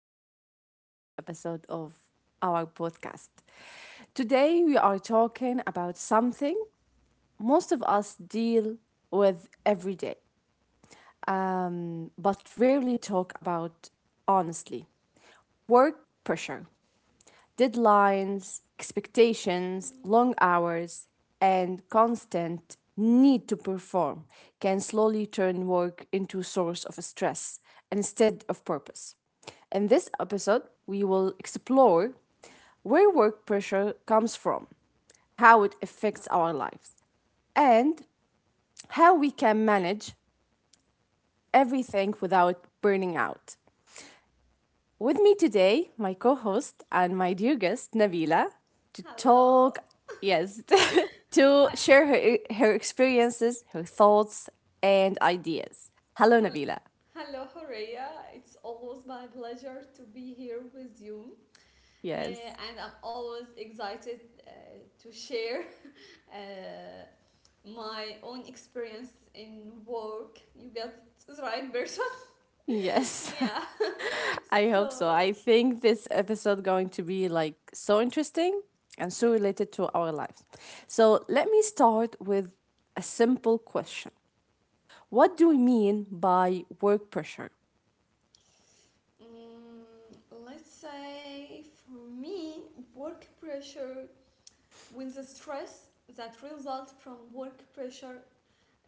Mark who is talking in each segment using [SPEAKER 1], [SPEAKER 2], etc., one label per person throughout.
[SPEAKER 1] back to a new episode of our podcast. Today, we are talking about something most of us deal with every day, but rarely talk about honestly work pressure. Deadlines, expectations, long
[SPEAKER 2] Mm.
[SPEAKER 1] hours, and constant need to perform can slowly turn work into a source of stress instead of purpose. In this episode, we will explore where work pressure comes from, how it
[SPEAKER 2] Yeah.
[SPEAKER 1] affects our lives, and how we can manage everything without burning out. With me today, my co host and my dear guest, Nabila, to
[SPEAKER 2] Hello.
[SPEAKER 1] talk, yes, to
[SPEAKER 2] Hi-
[SPEAKER 1] share her experiences, her thoughts, and ideas. Hello,
[SPEAKER 2] hel-
[SPEAKER 1] Nabila.
[SPEAKER 2] Hello, Horea. It's always my pleasure to be here with you,
[SPEAKER 1] Yes,
[SPEAKER 2] uh, and I'm always excited uh, to share uh, my own experience in work. You got the right person.
[SPEAKER 1] yes.
[SPEAKER 2] Yeah.
[SPEAKER 1] I hope so.
[SPEAKER 2] So,
[SPEAKER 1] I think this episode going to be like so interesting and so
[SPEAKER 2] yep.
[SPEAKER 1] related to our lives. So let me start with a simple question. What do we mean by work pressure?
[SPEAKER 2] Mm, let's say for me, work pressure, when the stress that results from work pressure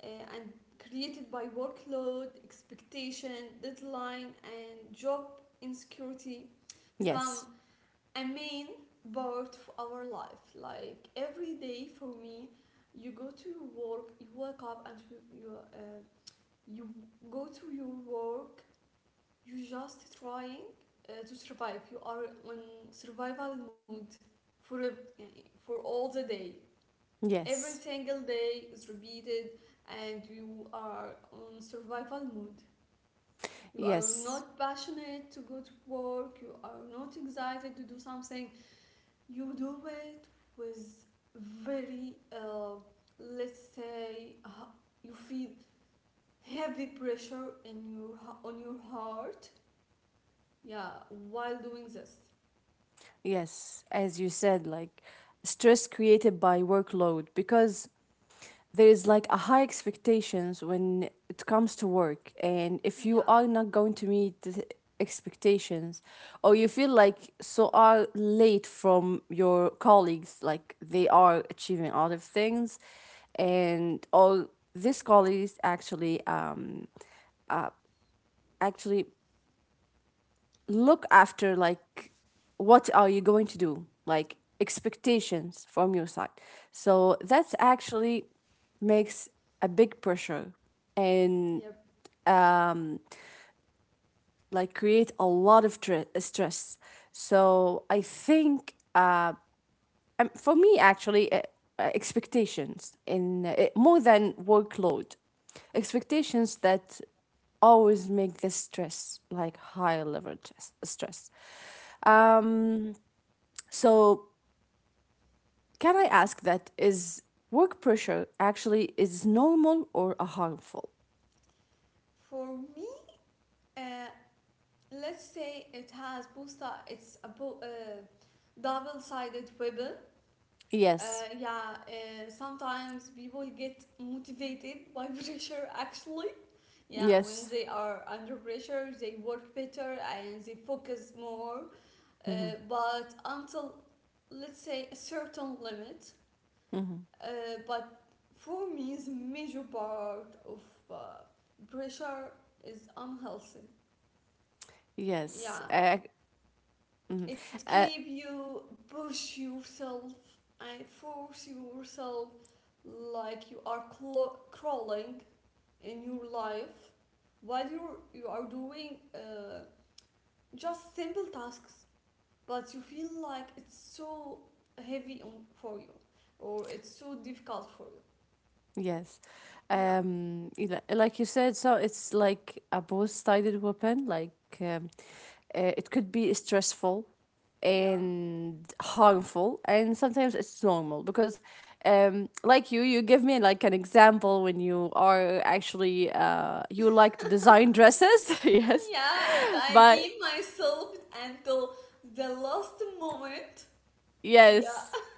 [SPEAKER 2] uh, and created by workload, expectation, deadline, and job insecurity
[SPEAKER 1] Yes.
[SPEAKER 2] become a main part of our life. Like every day for me, you go to your work, you wake up, and you go to your work. You just trying to survive. You are on survival mode for for all the day. Every
[SPEAKER 1] Yes.
[SPEAKER 2] single day is repeated, and you are on survival mode. You are
[SPEAKER 1] Yes.
[SPEAKER 2] not passionate to go to work, you are not excited to do something. You do it with very, uh, let's say, you feel heavy pressure in your on your heart. Yeah, while doing this.
[SPEAKER 1] Yes, as you said, like stress created by workload because there is like a high expectations when it comes to work, and if you
[SPEAKER 2] Yeah,
[SPEAKER 1] are not going to meet the expectations or you feel like so are late from your colleagues like they are achieving other things and all these colleagues actually actually look after like what are you going to do like expectations from your side, so that's actually makes a big pressure and
[SPEAKER 2] yep,
[SPEAKER 1] um like create a lot of stress. So I think for me actually, expectations in, more than workload, expectations that always make the stress like higher level stress. um So, can I
[SPEAKER 2] yeah.
[SPEAKER 1] ask that is work pressure actually is normal or a harmful?
[SPEAKER 2] For me, uh, let's say it has posta it's a po- double-sided weapon. uh,
[SPEAKER 1] Yes.
[SPEAKER 2] yeah sometimes people get motivated by pressure actually. Yeah, when
[SPEAKER 1] Yes.
[SPEAKER 2] they are under pressure they work better and they focus more,
[SPEAKER 1] Mm-hmm.
[SPEAKER 2] but until, let's say, a certain limit.
[SPEAKER 1] Mm-hmm.
[SPEAKER 2] uh, but for me, the major part of uh, pressure is unhealthy.
[SPEAKER 1] Yes.
[SPEAKER 2] Yeah.
[SPEAKER 1] Mhm.
[SPEAKER 2] It
[SPEAKER 1] Uh,
[SPEAKER 2] keep you push yourself and force yourself like you are crawling in your life while you are doing just simple tasks, but you feel like it's so heavy on for you or it's so difficult for you.
[SPEAKER 1] Yes.
[SPEAKER 2] Yeah,
[SPEAKER 1] You like you said, so it's like a both-sided weapon. Like um, it could be stressful
[SPEAKER 2] yeah,
[SPEAKER 1] and harmful, and sometimes it's normal because, like you give me like an example when you are actually, you like to design dresses, yes,
[SPEAKER 2] yeah. And I
[SPEAKER 1] but
[SPEAKER 2] keep myself until the last moment.
[SPEAKER 1] yes.
[SPEAKER 2] Yeah,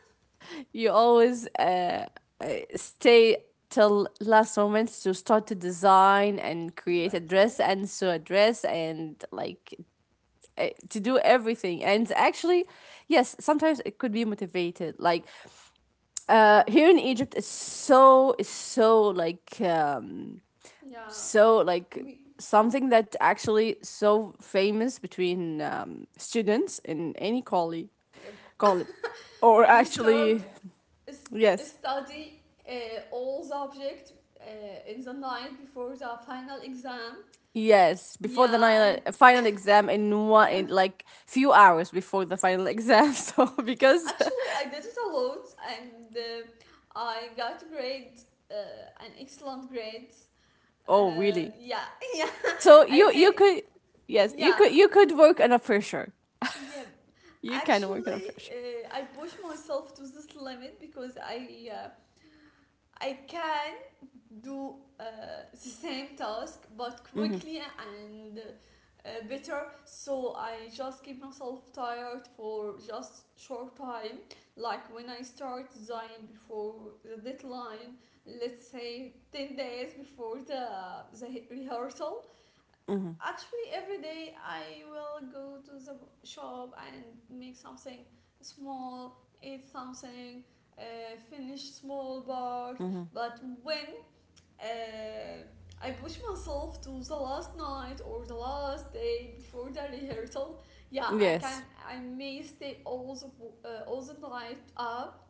[SPEAKER 1] You always uh, stay till last moment to start to design and create a dress
[SPEAKER 2] exactly.
[SPEAKER 1] and sew a dress and like to do everything. And actually yes, sometimes it could be motivated. Like here in Egypt it's so, it's
[SPEAKER 2] Yeah,
[SPEAKER 1] so like
[SPEAKER 2] we.
[SPEAKER 1] something that actually so famous between students in any collie
[SPEAKER 2] Yeah.
[SPEAKER 1] college or
[SPEAKER 2] We start
[SPEAKER 1] actually,
[SPEAKER 2] s-
[SPEAKER 1] yes.
[SPEAKER 2] study all subject in the night before the final exam.
[SPEAKER 1] Yes, before the
[SPEAKER 2] Yeah, and
[SPEAKER 1] final exam, in one, in
[SPEAKER 2] yeah,
[SPEAKER 1] like few hours before the final exam. So because
[SPEAKER 2] actually I did it a lot, and I got grade uh, an excellent grade.
[SPEAKER 1] oh really?
[SPEAKER 2] Yeah, yeah.
[SPEAKER 1] So
[SPEAKER 2] I
[SPEAKER 1] you
[SPEAKER 2] think
[SPEAKER 1] could, yes,
[SPEAKER 2] yeah,
[SPEAKER 1] you could work under pressure.
[SPEAKER 2] yeah.
[SPEAKER 1] You can work under
[SPEAKER 2] Actually,
[SPEAKER 1] pressure.
[SPEAKER 2] I pushed myself to this limit because I can do the same task but quickly and better, so I just keep myself tired for just short time, like when I start design before the deadline, let's say 10 days before the rehearsal.
[SPEAKER 1] Mm-hmm.
[SPEAKER 2] Actually, every day I will go to the shop and make something small, eat something, finish small part.
[SPEAKER 1] Mm-hmm.
[SPEAKER 2] But when uh, I push myself to the last night or the last day before the rehearsal, yeah, I
[SPEAKER 1] Yes.
[SPEAKER 2] can. I may stay all the night up.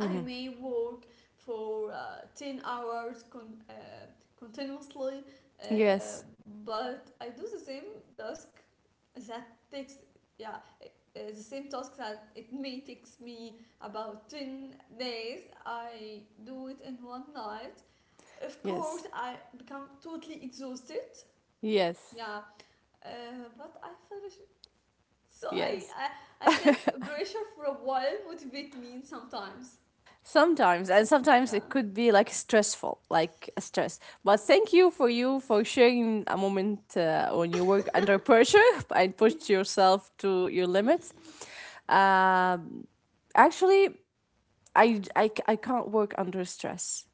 [SPEAKER 2] I may work for 10 hours continuously, uh,
[SPEAKER 1] Yes.
[SPEAKER 2] but I do the same task that yeah, uh, the same task that it may takes me about 10 days. I do it in one night. Of
[SPEAKER 1] Yes.
[SPEAKER 2] course, I become totally exhausted.
[SPEAKER 1] Yes.
[SPEAKER 2] Yeah, uh, but I finish it. So,
[SPEAKER 1] Yes.
[SPEAKER 2] I think pressure for a while motivates me sometimes.
[SPEAKER 1] Sometimes, and sometimes
[SPEAKER 2] Yeah.
[SPEAKER 1] it could be like stressful, like a stress. But thank you for you for sharing a moment when you
[SPEAKER 2] Yeah.
[SPEAKER 1] work under pressure and pushed yourself to your limits. Um, actually, I can't work under stress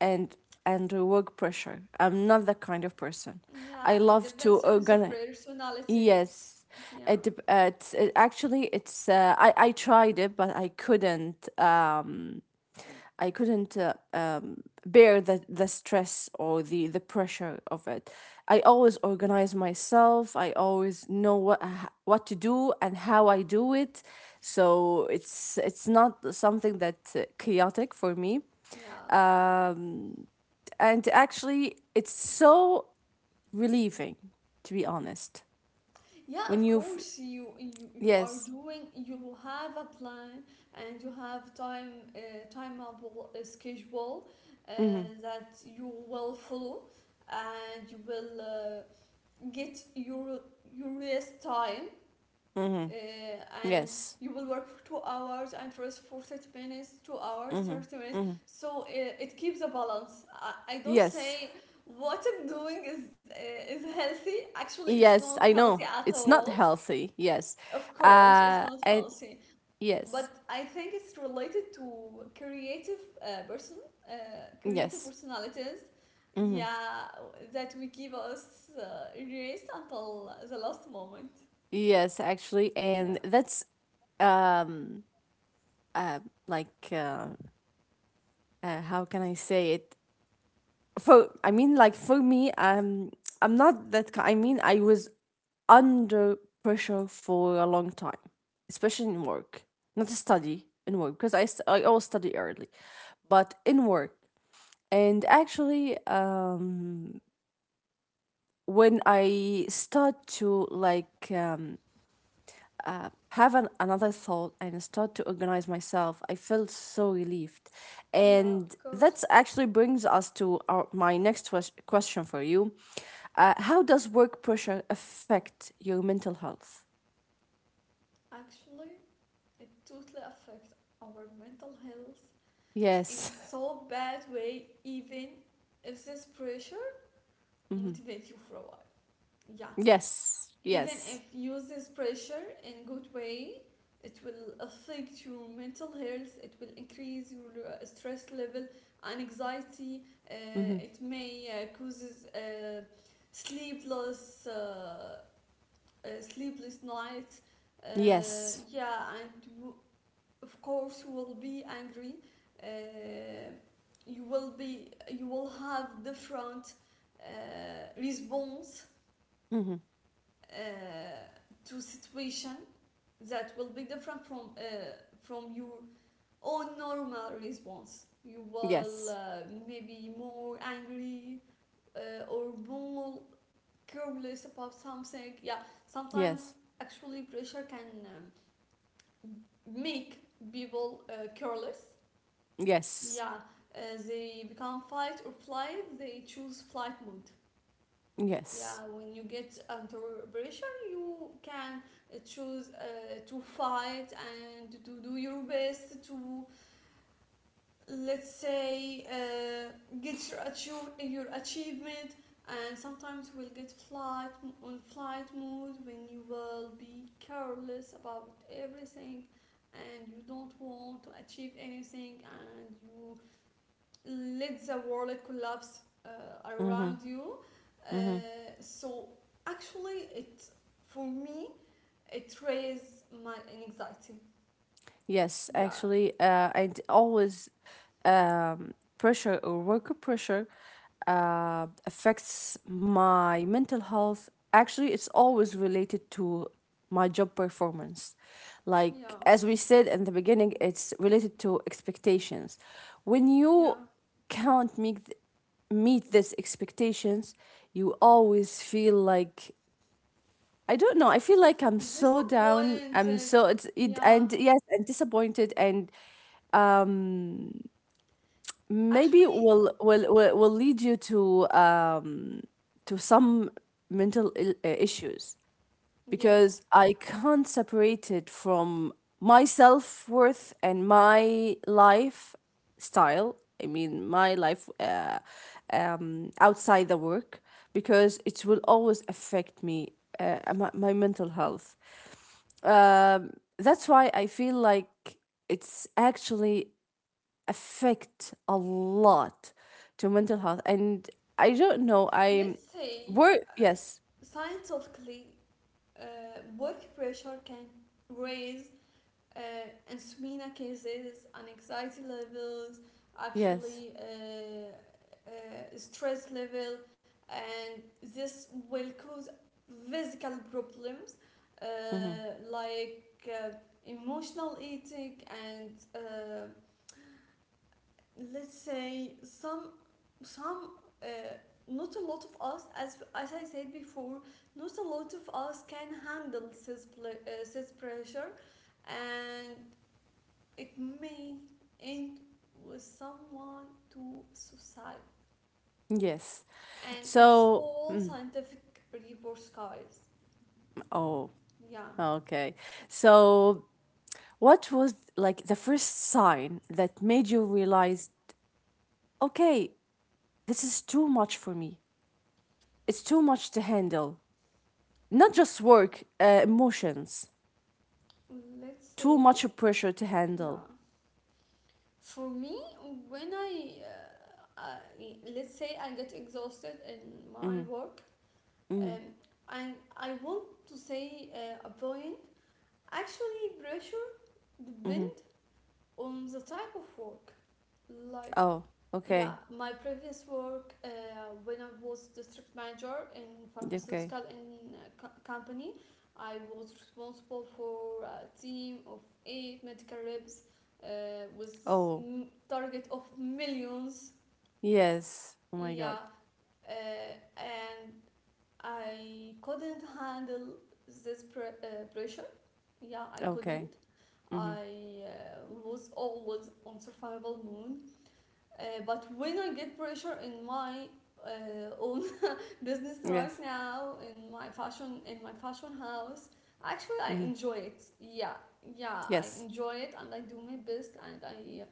[SPEAKER 1] and under work pressure. I'm not that kind of person.
[SPEAKER 2] Yeah,
[SPEAKER 1] I
[SPEAKER 2] it
[SPEAKER 1] love
[SPEAKER 2] depends
[SPEAKER 1] to
[SPEAKER 2] on the
[SPEAKER 1] organize.
[SPEAKER 2] personality.
[SPEAKER 1] Yes,
[SPEAKER 2] Yeah,
[SPEAKER 1] it, it's actually it's, I tried it, but I couldn't. I couldn't bear the stress or the pressure of it. I always organize myself. I always know what to do and how I do it. So it's not something that's chaotic for me.
[SPEAKER 2] yeah,
[SPEAKER 1] Um, and actually, it's so relieving, to be honest.
[SPEAKER 2] yeah.
[SPEAKER 1] When
[SPEAKER 2] Of
[SPEAKER 1] you've,
[SPEAKER 2] course, you are
[SPEAKER 1] yes,
[SPEAKER 2] doing. You have a plan and you have time timeable schedule uh,
[SPEAKER 1] hmm,
[SPEAKER 2] that you will follow, and you will get your rest time, and
[SPEAKER 1] yes,
[SPEAKER 2] you will work for 2 hours and rest for 30 minutes, 2 hours, 30 minutes.
[SPEAKER 1] hmm,
[SPEAKER 2] So it keeps a balance. I don't
[SPEAKER 1] yes.
[SPEAKER 2] say what I'm doing is healthy. Actually, it's
[SPEAKER 1] Yes,
[SPEAKER 2] not
[SPEAKER 1] I
[SPEAKER 2] healthy
[SPEAKER 1] know.
[SPEAKER 2] at
[SPEAKER 1] It's not
[SPEAKER 2] all.
[SPEAKER 1] healthy. Yes.
[SPEAKER 2] Of course, it's not
[SPEAKER 1] And
[SPEAKER 2] healthy, but
[SPEAKER 1] yes,
[SPEAKER 2] I think it's related to creative person, creative
[SPEAKER 1] yes,
[SPEAKER 2] personalities.
[SPEAKER 1] hmm,
[SPEAKER 2] Yeah, that we keep us erased until the last moment.
[SPEAKER 1] yes, actually.
[SPEAKER 2] Yeah.
[SPEAKER 1] And that's, um, uh, like, how can I say it? For, I mean, like, for me, I'm not that, I mean, I was under pressure for a long time, especially in work, not study in work, because I always study early, but in work. And actually, when I start to like, have another thought and start to organize myself, I felt so relieved.
[SPEAKER 2] Yeah, of
[SPEAKER 1] And
[SPEAKER 2] course.
[SPEAKER 1] that actually brings us to my next question for you. How does work pressure affect your mental health?
[SPEAKER 2] Actually, it totally affects our mental health in
[SPEAKER 1] Yes.
[SPEAKER 2] so bad way even if this pressure
[SPEAKER 1] hmm.
[SPEAKER 2] motivates you for a while. Yeah.
[SPEAKER 1] Yes.
[SPEAKER 2] Even if
[SPEAKER 1] Yes.
[SPEAKER 2] you use this pressure in good way, it will affect your mental health, it will increase your stress level and anxiety, uh,
[SPEAKER 1] hmm.
[SPEAKER 2] it may causes sleepless uh, sleepless nights, uh,
[SPEAKER 1] Yes.
[SPEAKER 2] yeah, and of course you will be angry, uh, you will be you will have different response
[SPEAKER 1] hmm.
[SPEAKER 2] uh, to situation that will be different from your own normal response. You will,
[SPEAKER 1] Yes.
[SPEAKER 2] maybe more angry, or more careless about something. Yeah, sometimes
[SPEAKER 1] Yes.
[SPEAKER 2] actually pressure can make people careless.
[SPEAKER 1] Yes.
[SPEAKER 2] Yeah, uh, they become fight or flight. They choose flight mode.
[SPEAKER 1] Yes.
[SPEAKER 2] Yeah, when you get under pressure, you can choose to fight and to do your best to, let's say, get your achieve your achievement. And sometimes we'll get flight on flight mode when you will be careless about everything, and you don't want to achieve anything, and you let the world collapse
[SPEAKER 1] hmm.
[SPEAKER 2] around you.
[SPEAKER 1] hmm.
[SPEAKER 2] So actually, it for me, it raises my anxiety.
[SPEAKER 1] Yes,
[SPEAKER 2] Yeah,
[SPEAKER 1] actually, always, pressure or worker pressure affects my mental health. Actually, it's always related to my job performance.
[SPEAKER 2] yeah,
[SPEAKER 1] Like, as we said in the beginning, it's related to expectations. When
[SPEAKER 2] yeah.
[SPEAKER 1] you can't meet these expectations, you always feel like I don't know. I feel like I'm so down. I'm
[SPEAKER 2] Disappointed.
[SPEAKER 1] so it's it,
[SPEAKER 2] Yeah,
[SPEAKER 1] and yes, and disappointed and um maybe
[SPEAKER 2] actually,
[SPEAKER 1] will lead you to, um, to some mental issues,
[SPEAKER 2] yeah.
[SPEAKER 1] because I can't separate it from my self-worth and my life style. I mean, my life, um, outside the work, because it will always affect me, my mental health. Um, that's why I feel like it's actually affect a lot to mental health, and I don't know. I
[SPEAKER 2] Let's say,
[SPEAKER 1] were,
[SPEAKER 2] uh,
[SPEAKER 1] yes,
[SPEAKER 2] scientifically, work pressure can raise uh, insomnia cases and anxiety levels,
[SPEAKER 1] yes,
[SPEAKER 2] actually, stress level, and this will cause physical problems, uh,
[SPEAKER 1] hmm,
[SPEAKER 2] like emotional eating and let's say some, uh, not a lot of us, as I said before, not a lot of us can handle this pressure, and it may end with someone to suicide.
[SPEAKER 1] yes.
[SPEAKER 2] And it's
[SPEAKER 1] So
[SPEAKER 2] all scientific reports, guys.
[SPEAKER 1] oh,
[SPEAKER 2] Yeah.
[SPEAKER 1] okay. So what was like the first sign that made you realize, okay, this is too much for me. It's too much to handle. Not just work, emotions.
[SPEAKER 2] Let's
[SPEAKER 1] Too
[SPEAKER 2] say,
[SPEAKER 1] much pressure to handle.
[SPEAKER 2] yeah. For me, when I, uh, I let's say I get exhausted in my work, um, and I want to say a point. Actually, pressure
[SPEAKER 1] hmm.
[SPEAKER 2] depend on the type of work. Like,
[SPEAKER 1] Oh,
[SPEAKER 2] yeah,
[SPEAKER 1] okay.
[SPEAKER 2] my previous work, when I was district manager in
[SPEAKER 1] Okay.
[SPEAKER 2] pharmaceutical in company, I was responsible for a team of eight medical reps, uh, with
[SPEAKER 1] Oh,
[SPEAKER 2] target of millions.
[SPEAKER 1] yes. Oh my
[SPEAKER 2] Yeah,
[SPEAKER 1] God.
[SPEAKER 2] uh, and I couldn't handle this pressure. Yeah, I
[SPEAKER 1] Okay.
[SPEAKER 2] couldn't.
[SPEAKER 1] Mm-hmm.
[SPEAKER 2] I was always on survival mode, but when I get pressure in my own business right
[SPEAKER 1] Yes.
[SPEAKER 2] now, in my fashion house, actually
[SPEAKER 1] Mm-hmm.
[SPEAKER 2] I enjoy it. Yeah, yeah, I
[SPEAKER 1] Yes.
[SPEAKER 2] enjoy it, and I do my best, and I.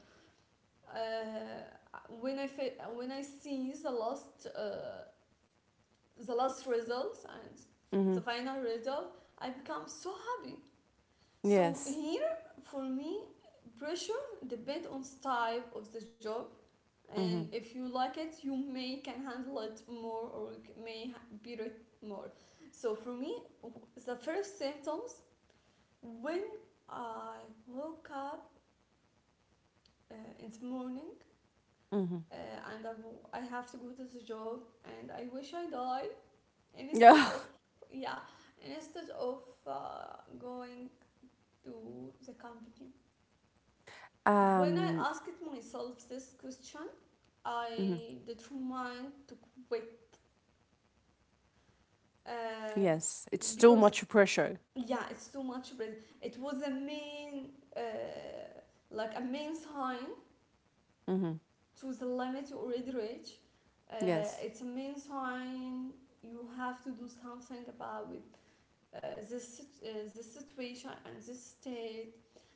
[SPEAKER 2] When I see the last results and
[SPEAKER 1] Mm-hmm.
[SPEAKER 2] the final result, I become so happy. So
[SPEAKER 1] Yes.
[SPEAKER 2] here for me, pressure depends on style of the job, and
[SPEAKER 1] Mm-hmm.
[SPEAKER 2] if you like it, you may can handle it more or beat it more. So for me, the first symptoms when I woke up in the morning,
[SPEAKER 1] Mm-hmm.
[SPEAKER 2] uh, and I have to go to the job and I wish I died, and instead of,
[SPEAKER 1] Yeah.
[SPEAKER 2] yeah, instead of going to the company. When I
[SPEAKER 1] Um.
[SPEAKER 2] asked myself this question,
[SPEAKER 1] Mhm.
[SPEAKER 2] I determined to quit, uh,
[SPEAKER 1] Yes. It's too
[SPEAKER 2] because,
[SPEAKER 1] much pressure.
[SPEAKER 2] yeah, it's too much. But it was a main, uh, like a main sign
[SPEAKER 1] Mm-hmm.
[SPEAKER 2] to the limit you already reach. Uh,
[SPEAKER 1] Yes.
[SPEAKER 2] it's a main sign you have to do something about it. Uh, this situation and this state.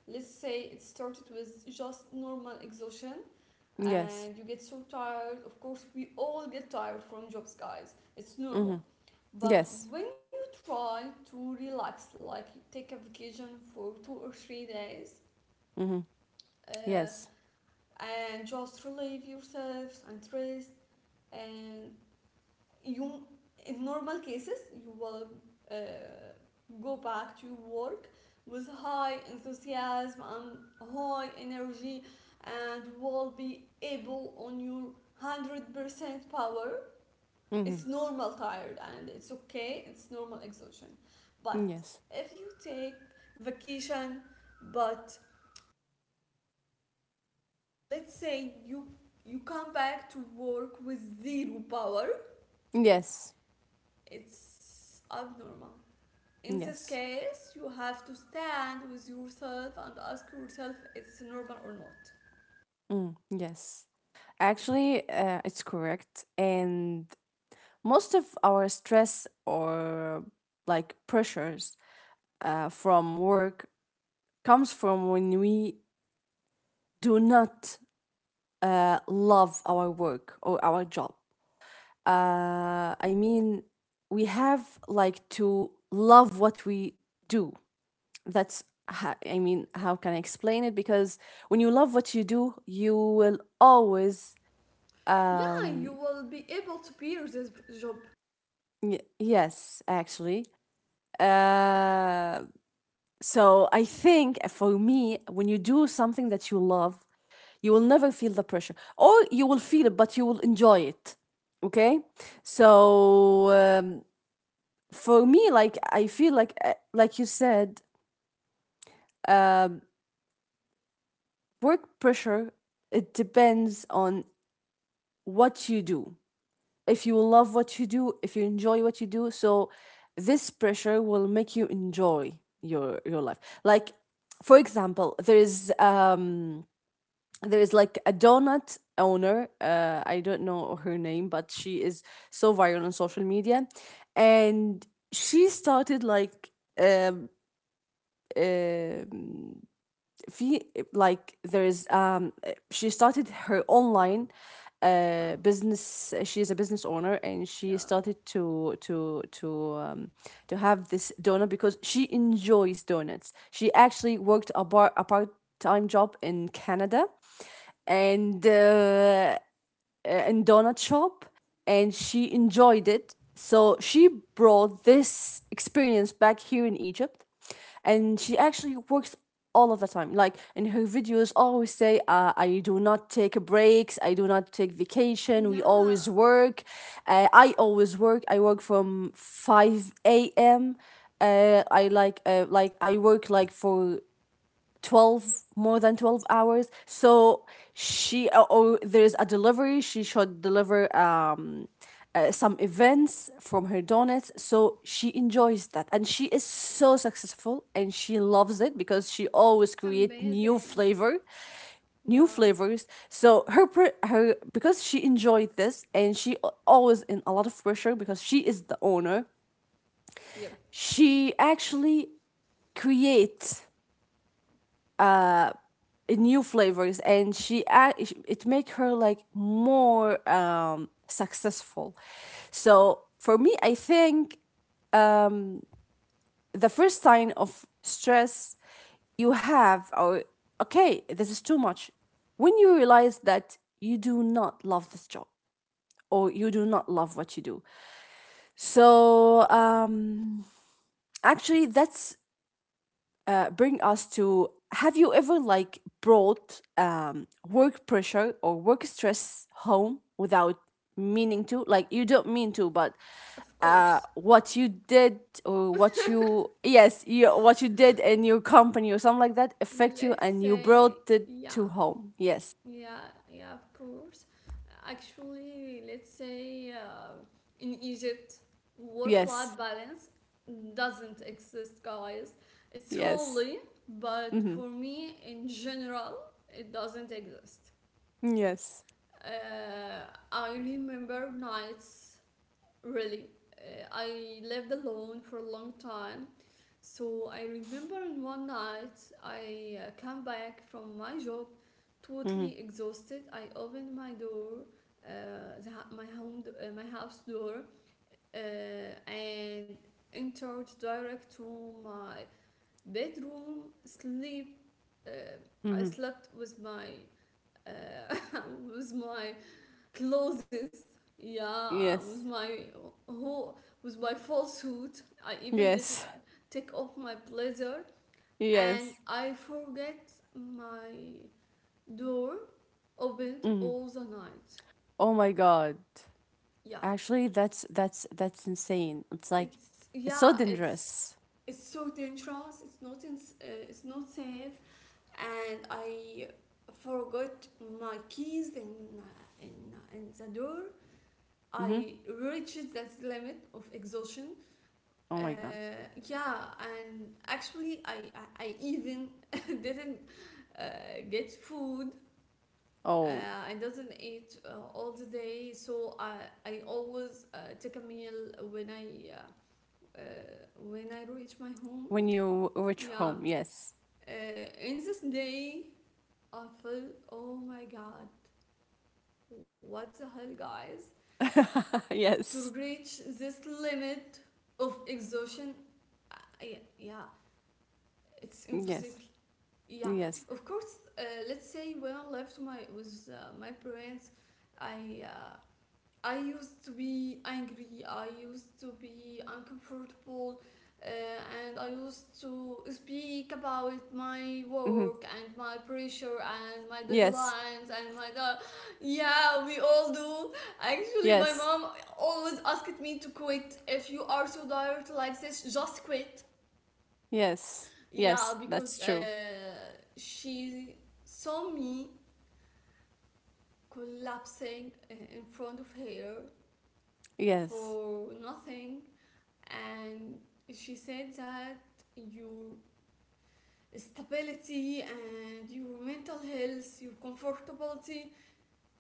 [SPEAKER 2] Let's say it started with just normal exhaustion
[SPEAKER 1] Yes.
[SPEAKER 2] and you get so tired. Of course, we all get tired from jobs, guys. It's normal.
[SPEAKER 1] Mm-hmm.
[SPEAKER 2] But
[SPEAKER 1] Yes.
[SPEAKER 2] when you try to relax, like take a vacation for 2 or 3 days,
[SPEAKER 1] Mm-hmm.
[SPEAKER 2] uh,
[SPEAKER 1] Yes.
[SPEAKER 2] and just relieve yourselves and rest, and you in normal cases you will uh, go back to your work with high enthusiasm and high energy, and will be able on your 100% power.
[SPEAKER 1] Mm-hmm.
[SPEAKER 2] It's normal tired and it's okay, it's normal exhaustion. But
[SPEAKER 1] Yes.
[SPEAKER 2] if you take vacation, but, let's say, you come back to work with zero power,
[SPEAKER 1] Yes.
[SPEAKER 2] it's abnormal. In this
[SPEAKER 1] Yes.
[SPEAKER 2] case, you have to stand with yourself and ask yourself if it's normal or not.
[SPEAKER 1] Mm. Yes. Actually, it's correct, and most of our stress or like pressures, from work, comes from when we do not, love our work or our job. I mean, we have like to love what we do. That's I mean, how can I explain it? Because when you love what you do, you will always
[SPEAKER 2] Yeah, you
[SPEAKER 1] um,
[SPEAKER 2] will be able to bear this job.
[SPEAKER 1] yes, actually. Uh, so I think, for me, when you do something that you love, you will never feel the pressure, or you will feel it, but you will enjoy it. Okay, so for me, like I feel like you said, work pressure. It depends on what you do. If you love what you do, if you enjoy what you do, so this pressure will make you enjoy your life. Like, for example, there is um, there is like a donut owner, I don't know her name, but she is so viral on social media. And she started like, um, uh, في, like, there is she started her online
[SPEAKER 2] Uh,
[SPEAKER 1] business, she is a business owner, and she
[SPEAKER 2] yeah.
[SPEAKER 1] started to um, to have this donut because she enjoys donuts. She actually worked a bar, a part-time job in Canada, and in donut shop, and she enjoyed it. So she brought this experience back here in Egypt, and she actually works all of the time. Like in her videos, always say, "I do not take breaks. I do not take vacation. We
[SPEAKER 2] Yeah,
[SPEAKER 1] always work. I always work. I work from 5 a.m." I like, like I work like for 12 more than 12 hours. So she, or there's a delivery she should deliver, um, some events from her donuts, so she enjoys that and she is so successful and she loves it because she
[SPEAKER 2] it's
[SPEAKER 1] always create new
[SPEAKER 2] amazing.
[SPEAKER 1] flavor, new
[SPEAKER 2] Yeah,
[SPEAKER 1] flavors. So her her, because she enjoyed this and she always in a lot of pressure because she is the owner, she actually create, uh, new flavors, and she it make her like more successful. So for me, I think the first sign of stress you have, or okay this is too much, when you realize that you do not love this job, or you do not love what you do. So, um, actually that's, bring us to, have you ever like brought, work pressure or work stress home without meaning to, like you don't mean to, but,
[SPEAKER 2] of course.
[SPEAKER 1] what you did, or what you yes you, what you did in your company or something like that affect you
[SPEAKER 2] Let's
[SPEAKER 1] and you
[SPEAKER 2] say,
[SPEAKER 1] brought it
[SPEAKER 2] yeah.
[SPEAKER 1] to home, yes,
[SPEAKER 2] Yeah, yeah, of course. Actually, let's say, in Egypt, work life
[SPEAKER 1] yes,
[SPEAKER 2] balance doesn't exist, guys. It's
[SPEAKER 1] yes,
[SPEAKER 2] really, but
[SPEAKER 1] mm-hmm,
[SPEAKER 2] for me in general, it doesn't exist.
[SPEAKER 1] yes,
[SPEAKER 2] Uh, I remember nights, really. I lived alone for a long time, so I remember in one night I came back from my job
[SPEAKER 1] mm-hmm.
[SPEAKER 2] totally exhausted. I opened my door, my home, my house door, and entered direct to my bedroom. Sleep. Uh, I
[SPEAKER 1] Mm-hmm.
[SPEAKER 2] slept with my uh, with my clothes. Yeah, with
[SPEAKER 1] Yes,
[SPEAKER 2] my whole with my full suit. I even did not
[SPEAKER 1] yes,
[SPEAKER 2] take off my blazer, and
[SPEAKER 1] yes,
[SPEAKER 2] I forget my door opened
[SPEAKER 1] mm-hmm.
[SPEAKER 2] all the night.
[SPEAKER 1] Oh my god.
[SPEAKER 2] Yeah,
[SPEAKER 1] Actually, that's insane. It's like it's so
[SPEAKER 2] yeah,
[SPEAKER 1] dangerous.
[SPEAKER 2] it's so dangerous. It's not in, it's not safe, and I forgot my keys in in the door.
[SPEAKER 1] hmm.
[SPEAKER 2] I reached that limit of exhaustion.
[SPEAKER 1] Oh
[SPEAKER 2] Uh,
[SPEAKER 1] my god.
[SPEAKER 2] yeah, and actually, I even didn't uh, get food.
[SPEAKER 1] Oh,
[SPEAKER 2] Uh, I doesn't eat all the day, so I always take a meal uh, when I reach my home.
[SPEAKER 1] when you reach
[SPEAKER 2] Yeah,
[SPEAKER 1] home, yes,
[SPEAKER 2] in this day I feel oh my god, what the hell, guys? To
[SPEAKER 1] yes,
[SPEAKER 2] reach this limit of exhaustion, I, yeah, yeah, it's
[SPEAKER 1] yes,
[SPEAKER 2] impossible. Yeah,
[SPEAKER 1] yes,
[SPEAKER 2] of course. Let's say when I left my with my parents, I uh, I used to be angry, I used to be uncomfortable, and I used to speak about my
[SPEAKER 1] hmm,
[SPEAKER 2] work and my pressure and my
[SPEAKER 1] yes,
[SPEAKER 2] deadlines and yeah, we all do. Actually, my
[SPEAKER 1] yes,
[SPEAKER 2] mom always asked me to quit. If you are so tired like this, just quit.
[SPEAKER 1] yes, yes.
[SPEAKER 2] Yeah,
[SPEAKER 1] That's
[SPEAKER 2] because
[SPEAKER 1] true.
[SPEAKER 2] she saw me collapsing in front of her
[SPEAKER 1] Yes,
[SPEAKER 2] for nothing and she said that your stability and your mental health, your comfortability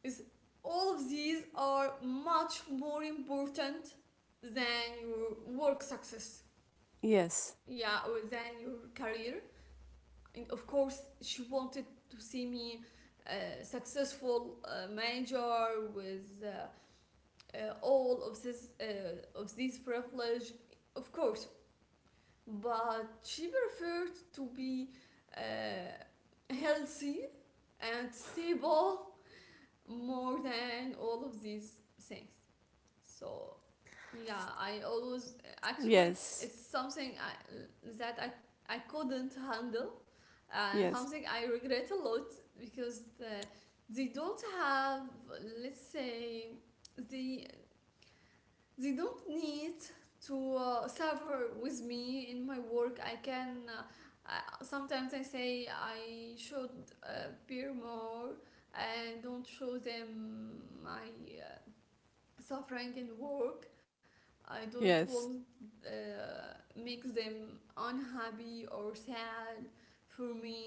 [SPEAKER 2] is all of these are much more important than your work success.
[SPEAKER 1] yes,
[SPEAKER 2] Yeah, or than your career. And of course, she wanted to see me a successful manager with all of this privilege. Of course, but she preferred to be healthy and stable more than all of these things. So, yeah, I always actually
[SPEAKER 1] yes,
[SPEAKER 2] it's something that I couldn't handle, and
[SPEAKER 1] yes,
[SPEAKER 2] something I regret a lot because they don't have let's say the they don't need to suffer with me in my work. I can sometimes I say I should bear more and don't show them my uh, suffering in work. I don't
[SPEAKER 1] yes.
[SPEAKER 2] want make them unhappy or sad for me,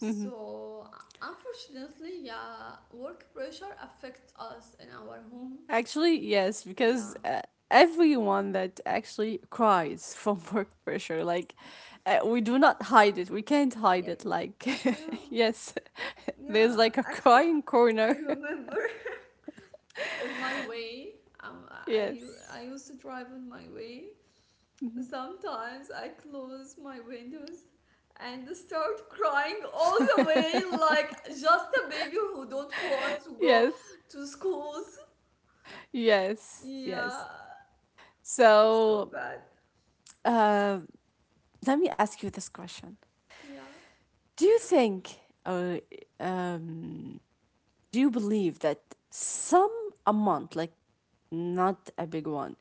[SPEAKER 1] hmm.
[SPEAKER 2] unfortunately, yeah, work pressure affects us in our home.
[SPEAKER 1] Actually, yes,
[SPEAKER 2] Yeah.
[SPEAKER 1] because, everyone that actually cries from work pressure, like, we do not hide it. We can't hide
[SPEAKER 2] Yep.
[SPEAKER 1] it. Like,
[SPEAKER 2] Yeah.
[SPEAKER 1] yes, there's
[SPEAKER 2] Yeah,
[SPEAKER 1] like a
[SPEAKER 2] actually,
[SPEAKER 1] crying
[SPEAKER 2] I
[SPEAKER 1] corner.
[SPEAKER 2] remember on my way, I
[SPEAKER 1] yes,
[SPEAKER 2] I used to drive on my way. Sometimes I close my windows and start crying all the way, like just a baby who don't want to go
[SPEAKER 1] yes,
[SPEAKER 2] to schools.
[SPEAKER 1] yes, yes.
[SPEAKER 2] Yeah, so
[SPEAKER 1] So,
[SPEAKER 2] bad.
[SPEAKER 1] uh, let me ask you this question:
[SPEAKER 2] Yeah.
[SPEAKER 1] Do you think, or, um, do you believe that some amount, like not a big one,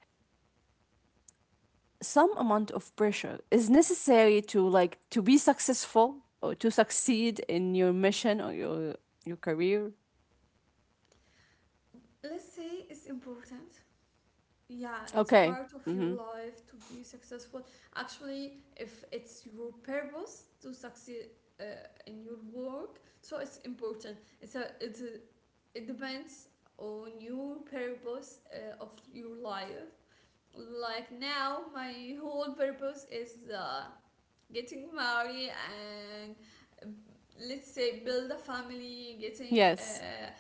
[SPEAKER 1] some amount of pressure is necessary to like to be successful or to succeed in your mission or your career?
[SPEAKER 2] Let's say it's important. Yeah, it's
[SPEAKER 1] Okay.
[SPEAKER 2] part of your
[SPEAKER 1] Mm-hmm.
[SPEAKER 2] life to be successful. Actually, if it's your purpose to succeed uh, in your work, so it's important. It depends on your purpose of your life. Like now my whole purpose is getting married and um, let's say build a family, getting
[SPEAKER 1] Yes,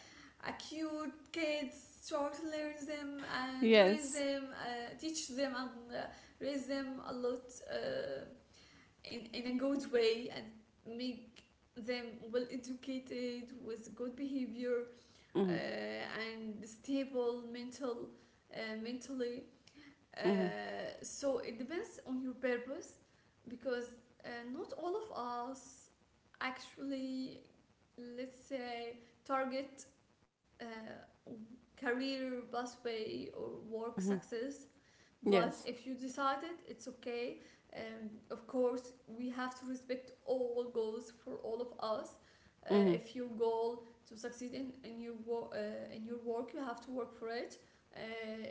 [SPEAKER 2] a cute kids, try to learn them and raise
[SPEAKER 1] yes,
[SPEAKER 2] them, teach them and uh, raise them a lot uh, in a good way and make them well educated with good behavior, uh,
[SPEAKER 1] mm-hmm.
[SPEAKER 2] and stable mental mentally
[SPEAKER 1] Mm-hmm.
[SPEAKER 2] uh, so it depends on your purpose, because not all of us actually, let's say, target uh, career pathway or work
[SPEAKER 1] Mm-hmm.
[SPEAKER 2] success. But
[SPEAKER 1] Yes,
[SPEAKER 2] if you decided, it's okay. And of course, we have to respect all goals for all of us.
[SPEAKER 1] mm-hmm.
[SPEAKER 2] If your goal to succeed in your in your work, you have to work for it. Uh,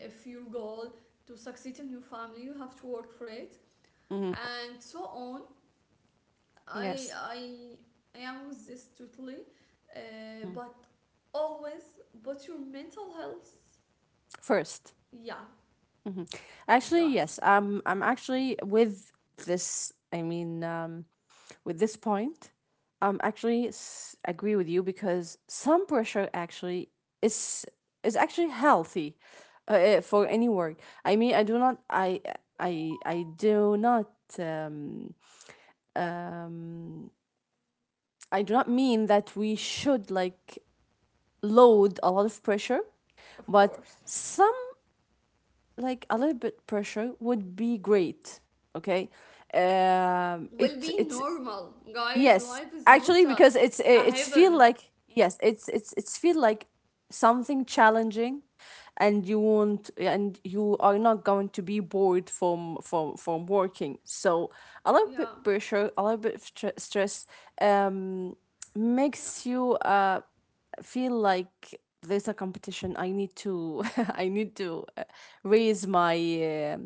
[SPEAKER 2] if your goal to succeed in your family, you have to work for it,
[SPEAKER 1] Mm-hmm.
[SPEAKER 2] and so on.
[SPEAKER 1] Yes.
[SPEAKER 2] I am with this totally,
[SPEAKER 1] Mm.
[SPEAKER 2] but always, but your mental health,
[SPEAKER 1] First.
[SPEAKER 2] yeah,
[SPEAKER 1] hmm. Actually, yes.
[SPEAKER 2] guys,
[SPEAKER 1] I'm actually with this. I mean, with this point, actually agree with you, because some pressure actually is is actually healthy, for any work. I mean, I do not. I I do not. Um, I do not mean that we should like load a lot of pressure,
[SPEAKER 2] of
[SPEAKER 1] but
[SPEAKER 2] course.
[SPEAKER 1] some like a little bit pressure would be great. Okay, um,
[SPEAKER 2] Will be
[SPEAKER 1] it's,
[SPEAKER 2] normal. Guys,
[SPEAKER 1] yes,
[SPEAKER 2] life is not
[SPEAKER 1] actually,
[SPEAKER 2] a,
[SPEAKER 1] because
[SPEAKER 2] a
[SPEAKER 1] it's feel
[SPEAKER 2] heaven.
[SPEAKER 1] like, yes, it's feel like something challenging, and you won't, and you are not going to be bored from from working. So a little bit
[SPEAKER 2] Yeah,
[SPEAKER 1] pressure, a little bit of stress, um,
[SPEAKER 2] yeah.
[SPEAKER 1] makes you, uh, feel like there's a competition. I need to I need to, raise my uh,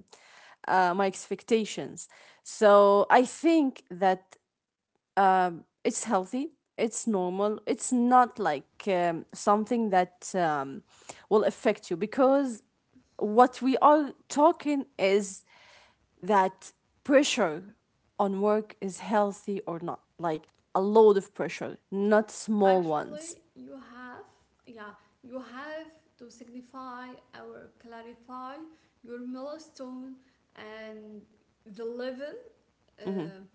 [SPEAKER 1] uh, my expectations. So I think that, it's healthy, it's normal, it's not like something that will affect you, because what we are talking is that pressure on work is healthy or not, like a load of pressure, not small ones.
[SPEAKER 2] Actually, you have, yeah, you have to signify or clarify your milestone and the level
[SPEAKER 1] hmm.
[SPEAKER 2] uh,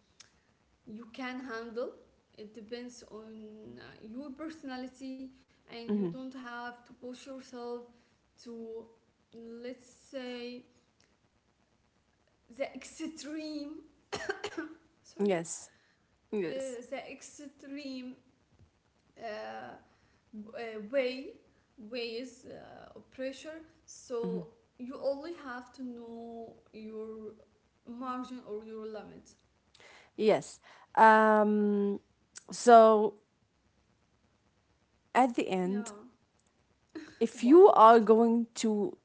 [SPEAKER 2] you can handle. It depends on your personality, and you
[SPEAKER 1] hmm.
[SPEAKER 2] don't have to push yourself to, let's say, the extreme. Sorry,
[SPEAKER 1] Yes. Yes.
[SPEAKER 2] the extreme uh, way ways of pressure,
[SPEAKER 1] Mhm.
[SPEAKER 2] so you only have to know your margin or your limit.
[SPEAKER 1] Yes. Um, so at the end,
[SPEAKER 2] Yeah,
[SPEAKER 1] if you
[SPEAKER 2] well,
[SPEAKER 1] are going to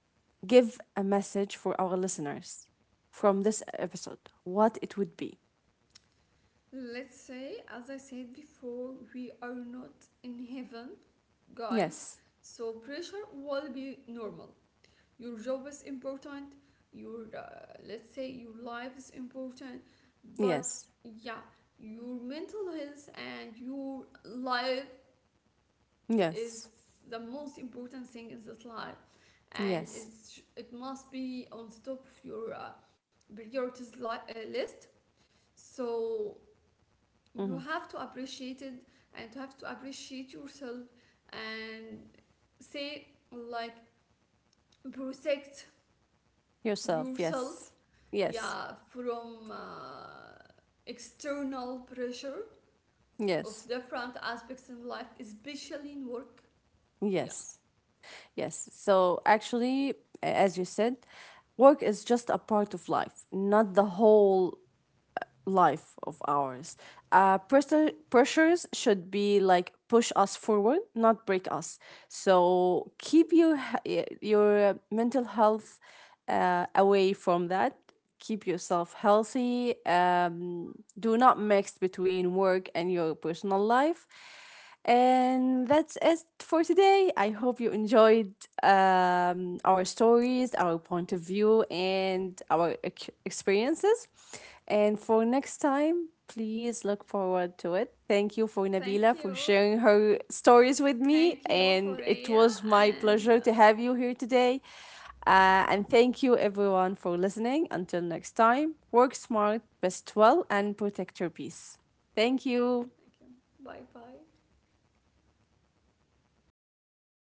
[SPEAKER 1] give a message for our listeners from this episode, what it would be?
[SPEAKER 2] let's say as I said before, we are not in heaven, guys,
[SPEAKER 1] Yes.
[SPEAKER 2] so pressure will be normal. Your job is important, your let's say your life is important, but
[SPEAKER 1] Yes.
[SPEAKER 2] yeah, your mental health and your life
[SPEAKER 1] Yes.
[SPEAKER 2] is the most important thing in this life. And
[SPEAKER 1] Yes.
[SPEAKER 2] it must be on the top of your list. So
[SPEAKER 1] hmm.
[SPEAKER 2] you have to appreciate it and you have to appreciate yourself and say like protect
[SPEAKER 1] Yourself.
[SPEAKER 2] yourself,
[SPEAKER 1] Yes. Yes.
[SPEAKER 2] yeah, from external pressure of
[SPEAKER 1] Yes.
[SPEAKER 2] different aspects in life, especially in work. Yeah.
[SPEAKER 1] Yes. Yes. So actually, as you said, work is just a part of life, not the
[SPEAKER 2] Yep.
[SPEAKER 1] whole life of ours. Pressures should be like push us forward, not break us. So keep your your mental health, away from that. Keep yourself healthy. Do not mix between work and your personal life. And that's it for today. I hope you enjoyed, our stories, our point of view, and our experiences. And for next time, please look forward to it. Thank you for
[SPEAKER 2] Thank
[SPEAKER 1] Nabila for
[SPEAKER 2] you.
[SPEAKER 1] sharing her stories with me.
[SPEAKER 2] Thank you,
[SPEAKER 1] And it
[SPEAKER 2] Horea,
[SPEAKER 1] was my
[SPEAKER 2] and
[SPEAKER 1] pleasure to have you here today.
[SPEAKER 2] thank you.
[SPEAKER 1] And thank you everyone for listening. Until next time, work smart, rest well, and protect your peace. Thank you.
[SPEAKER 2] Thank you. Bye bye.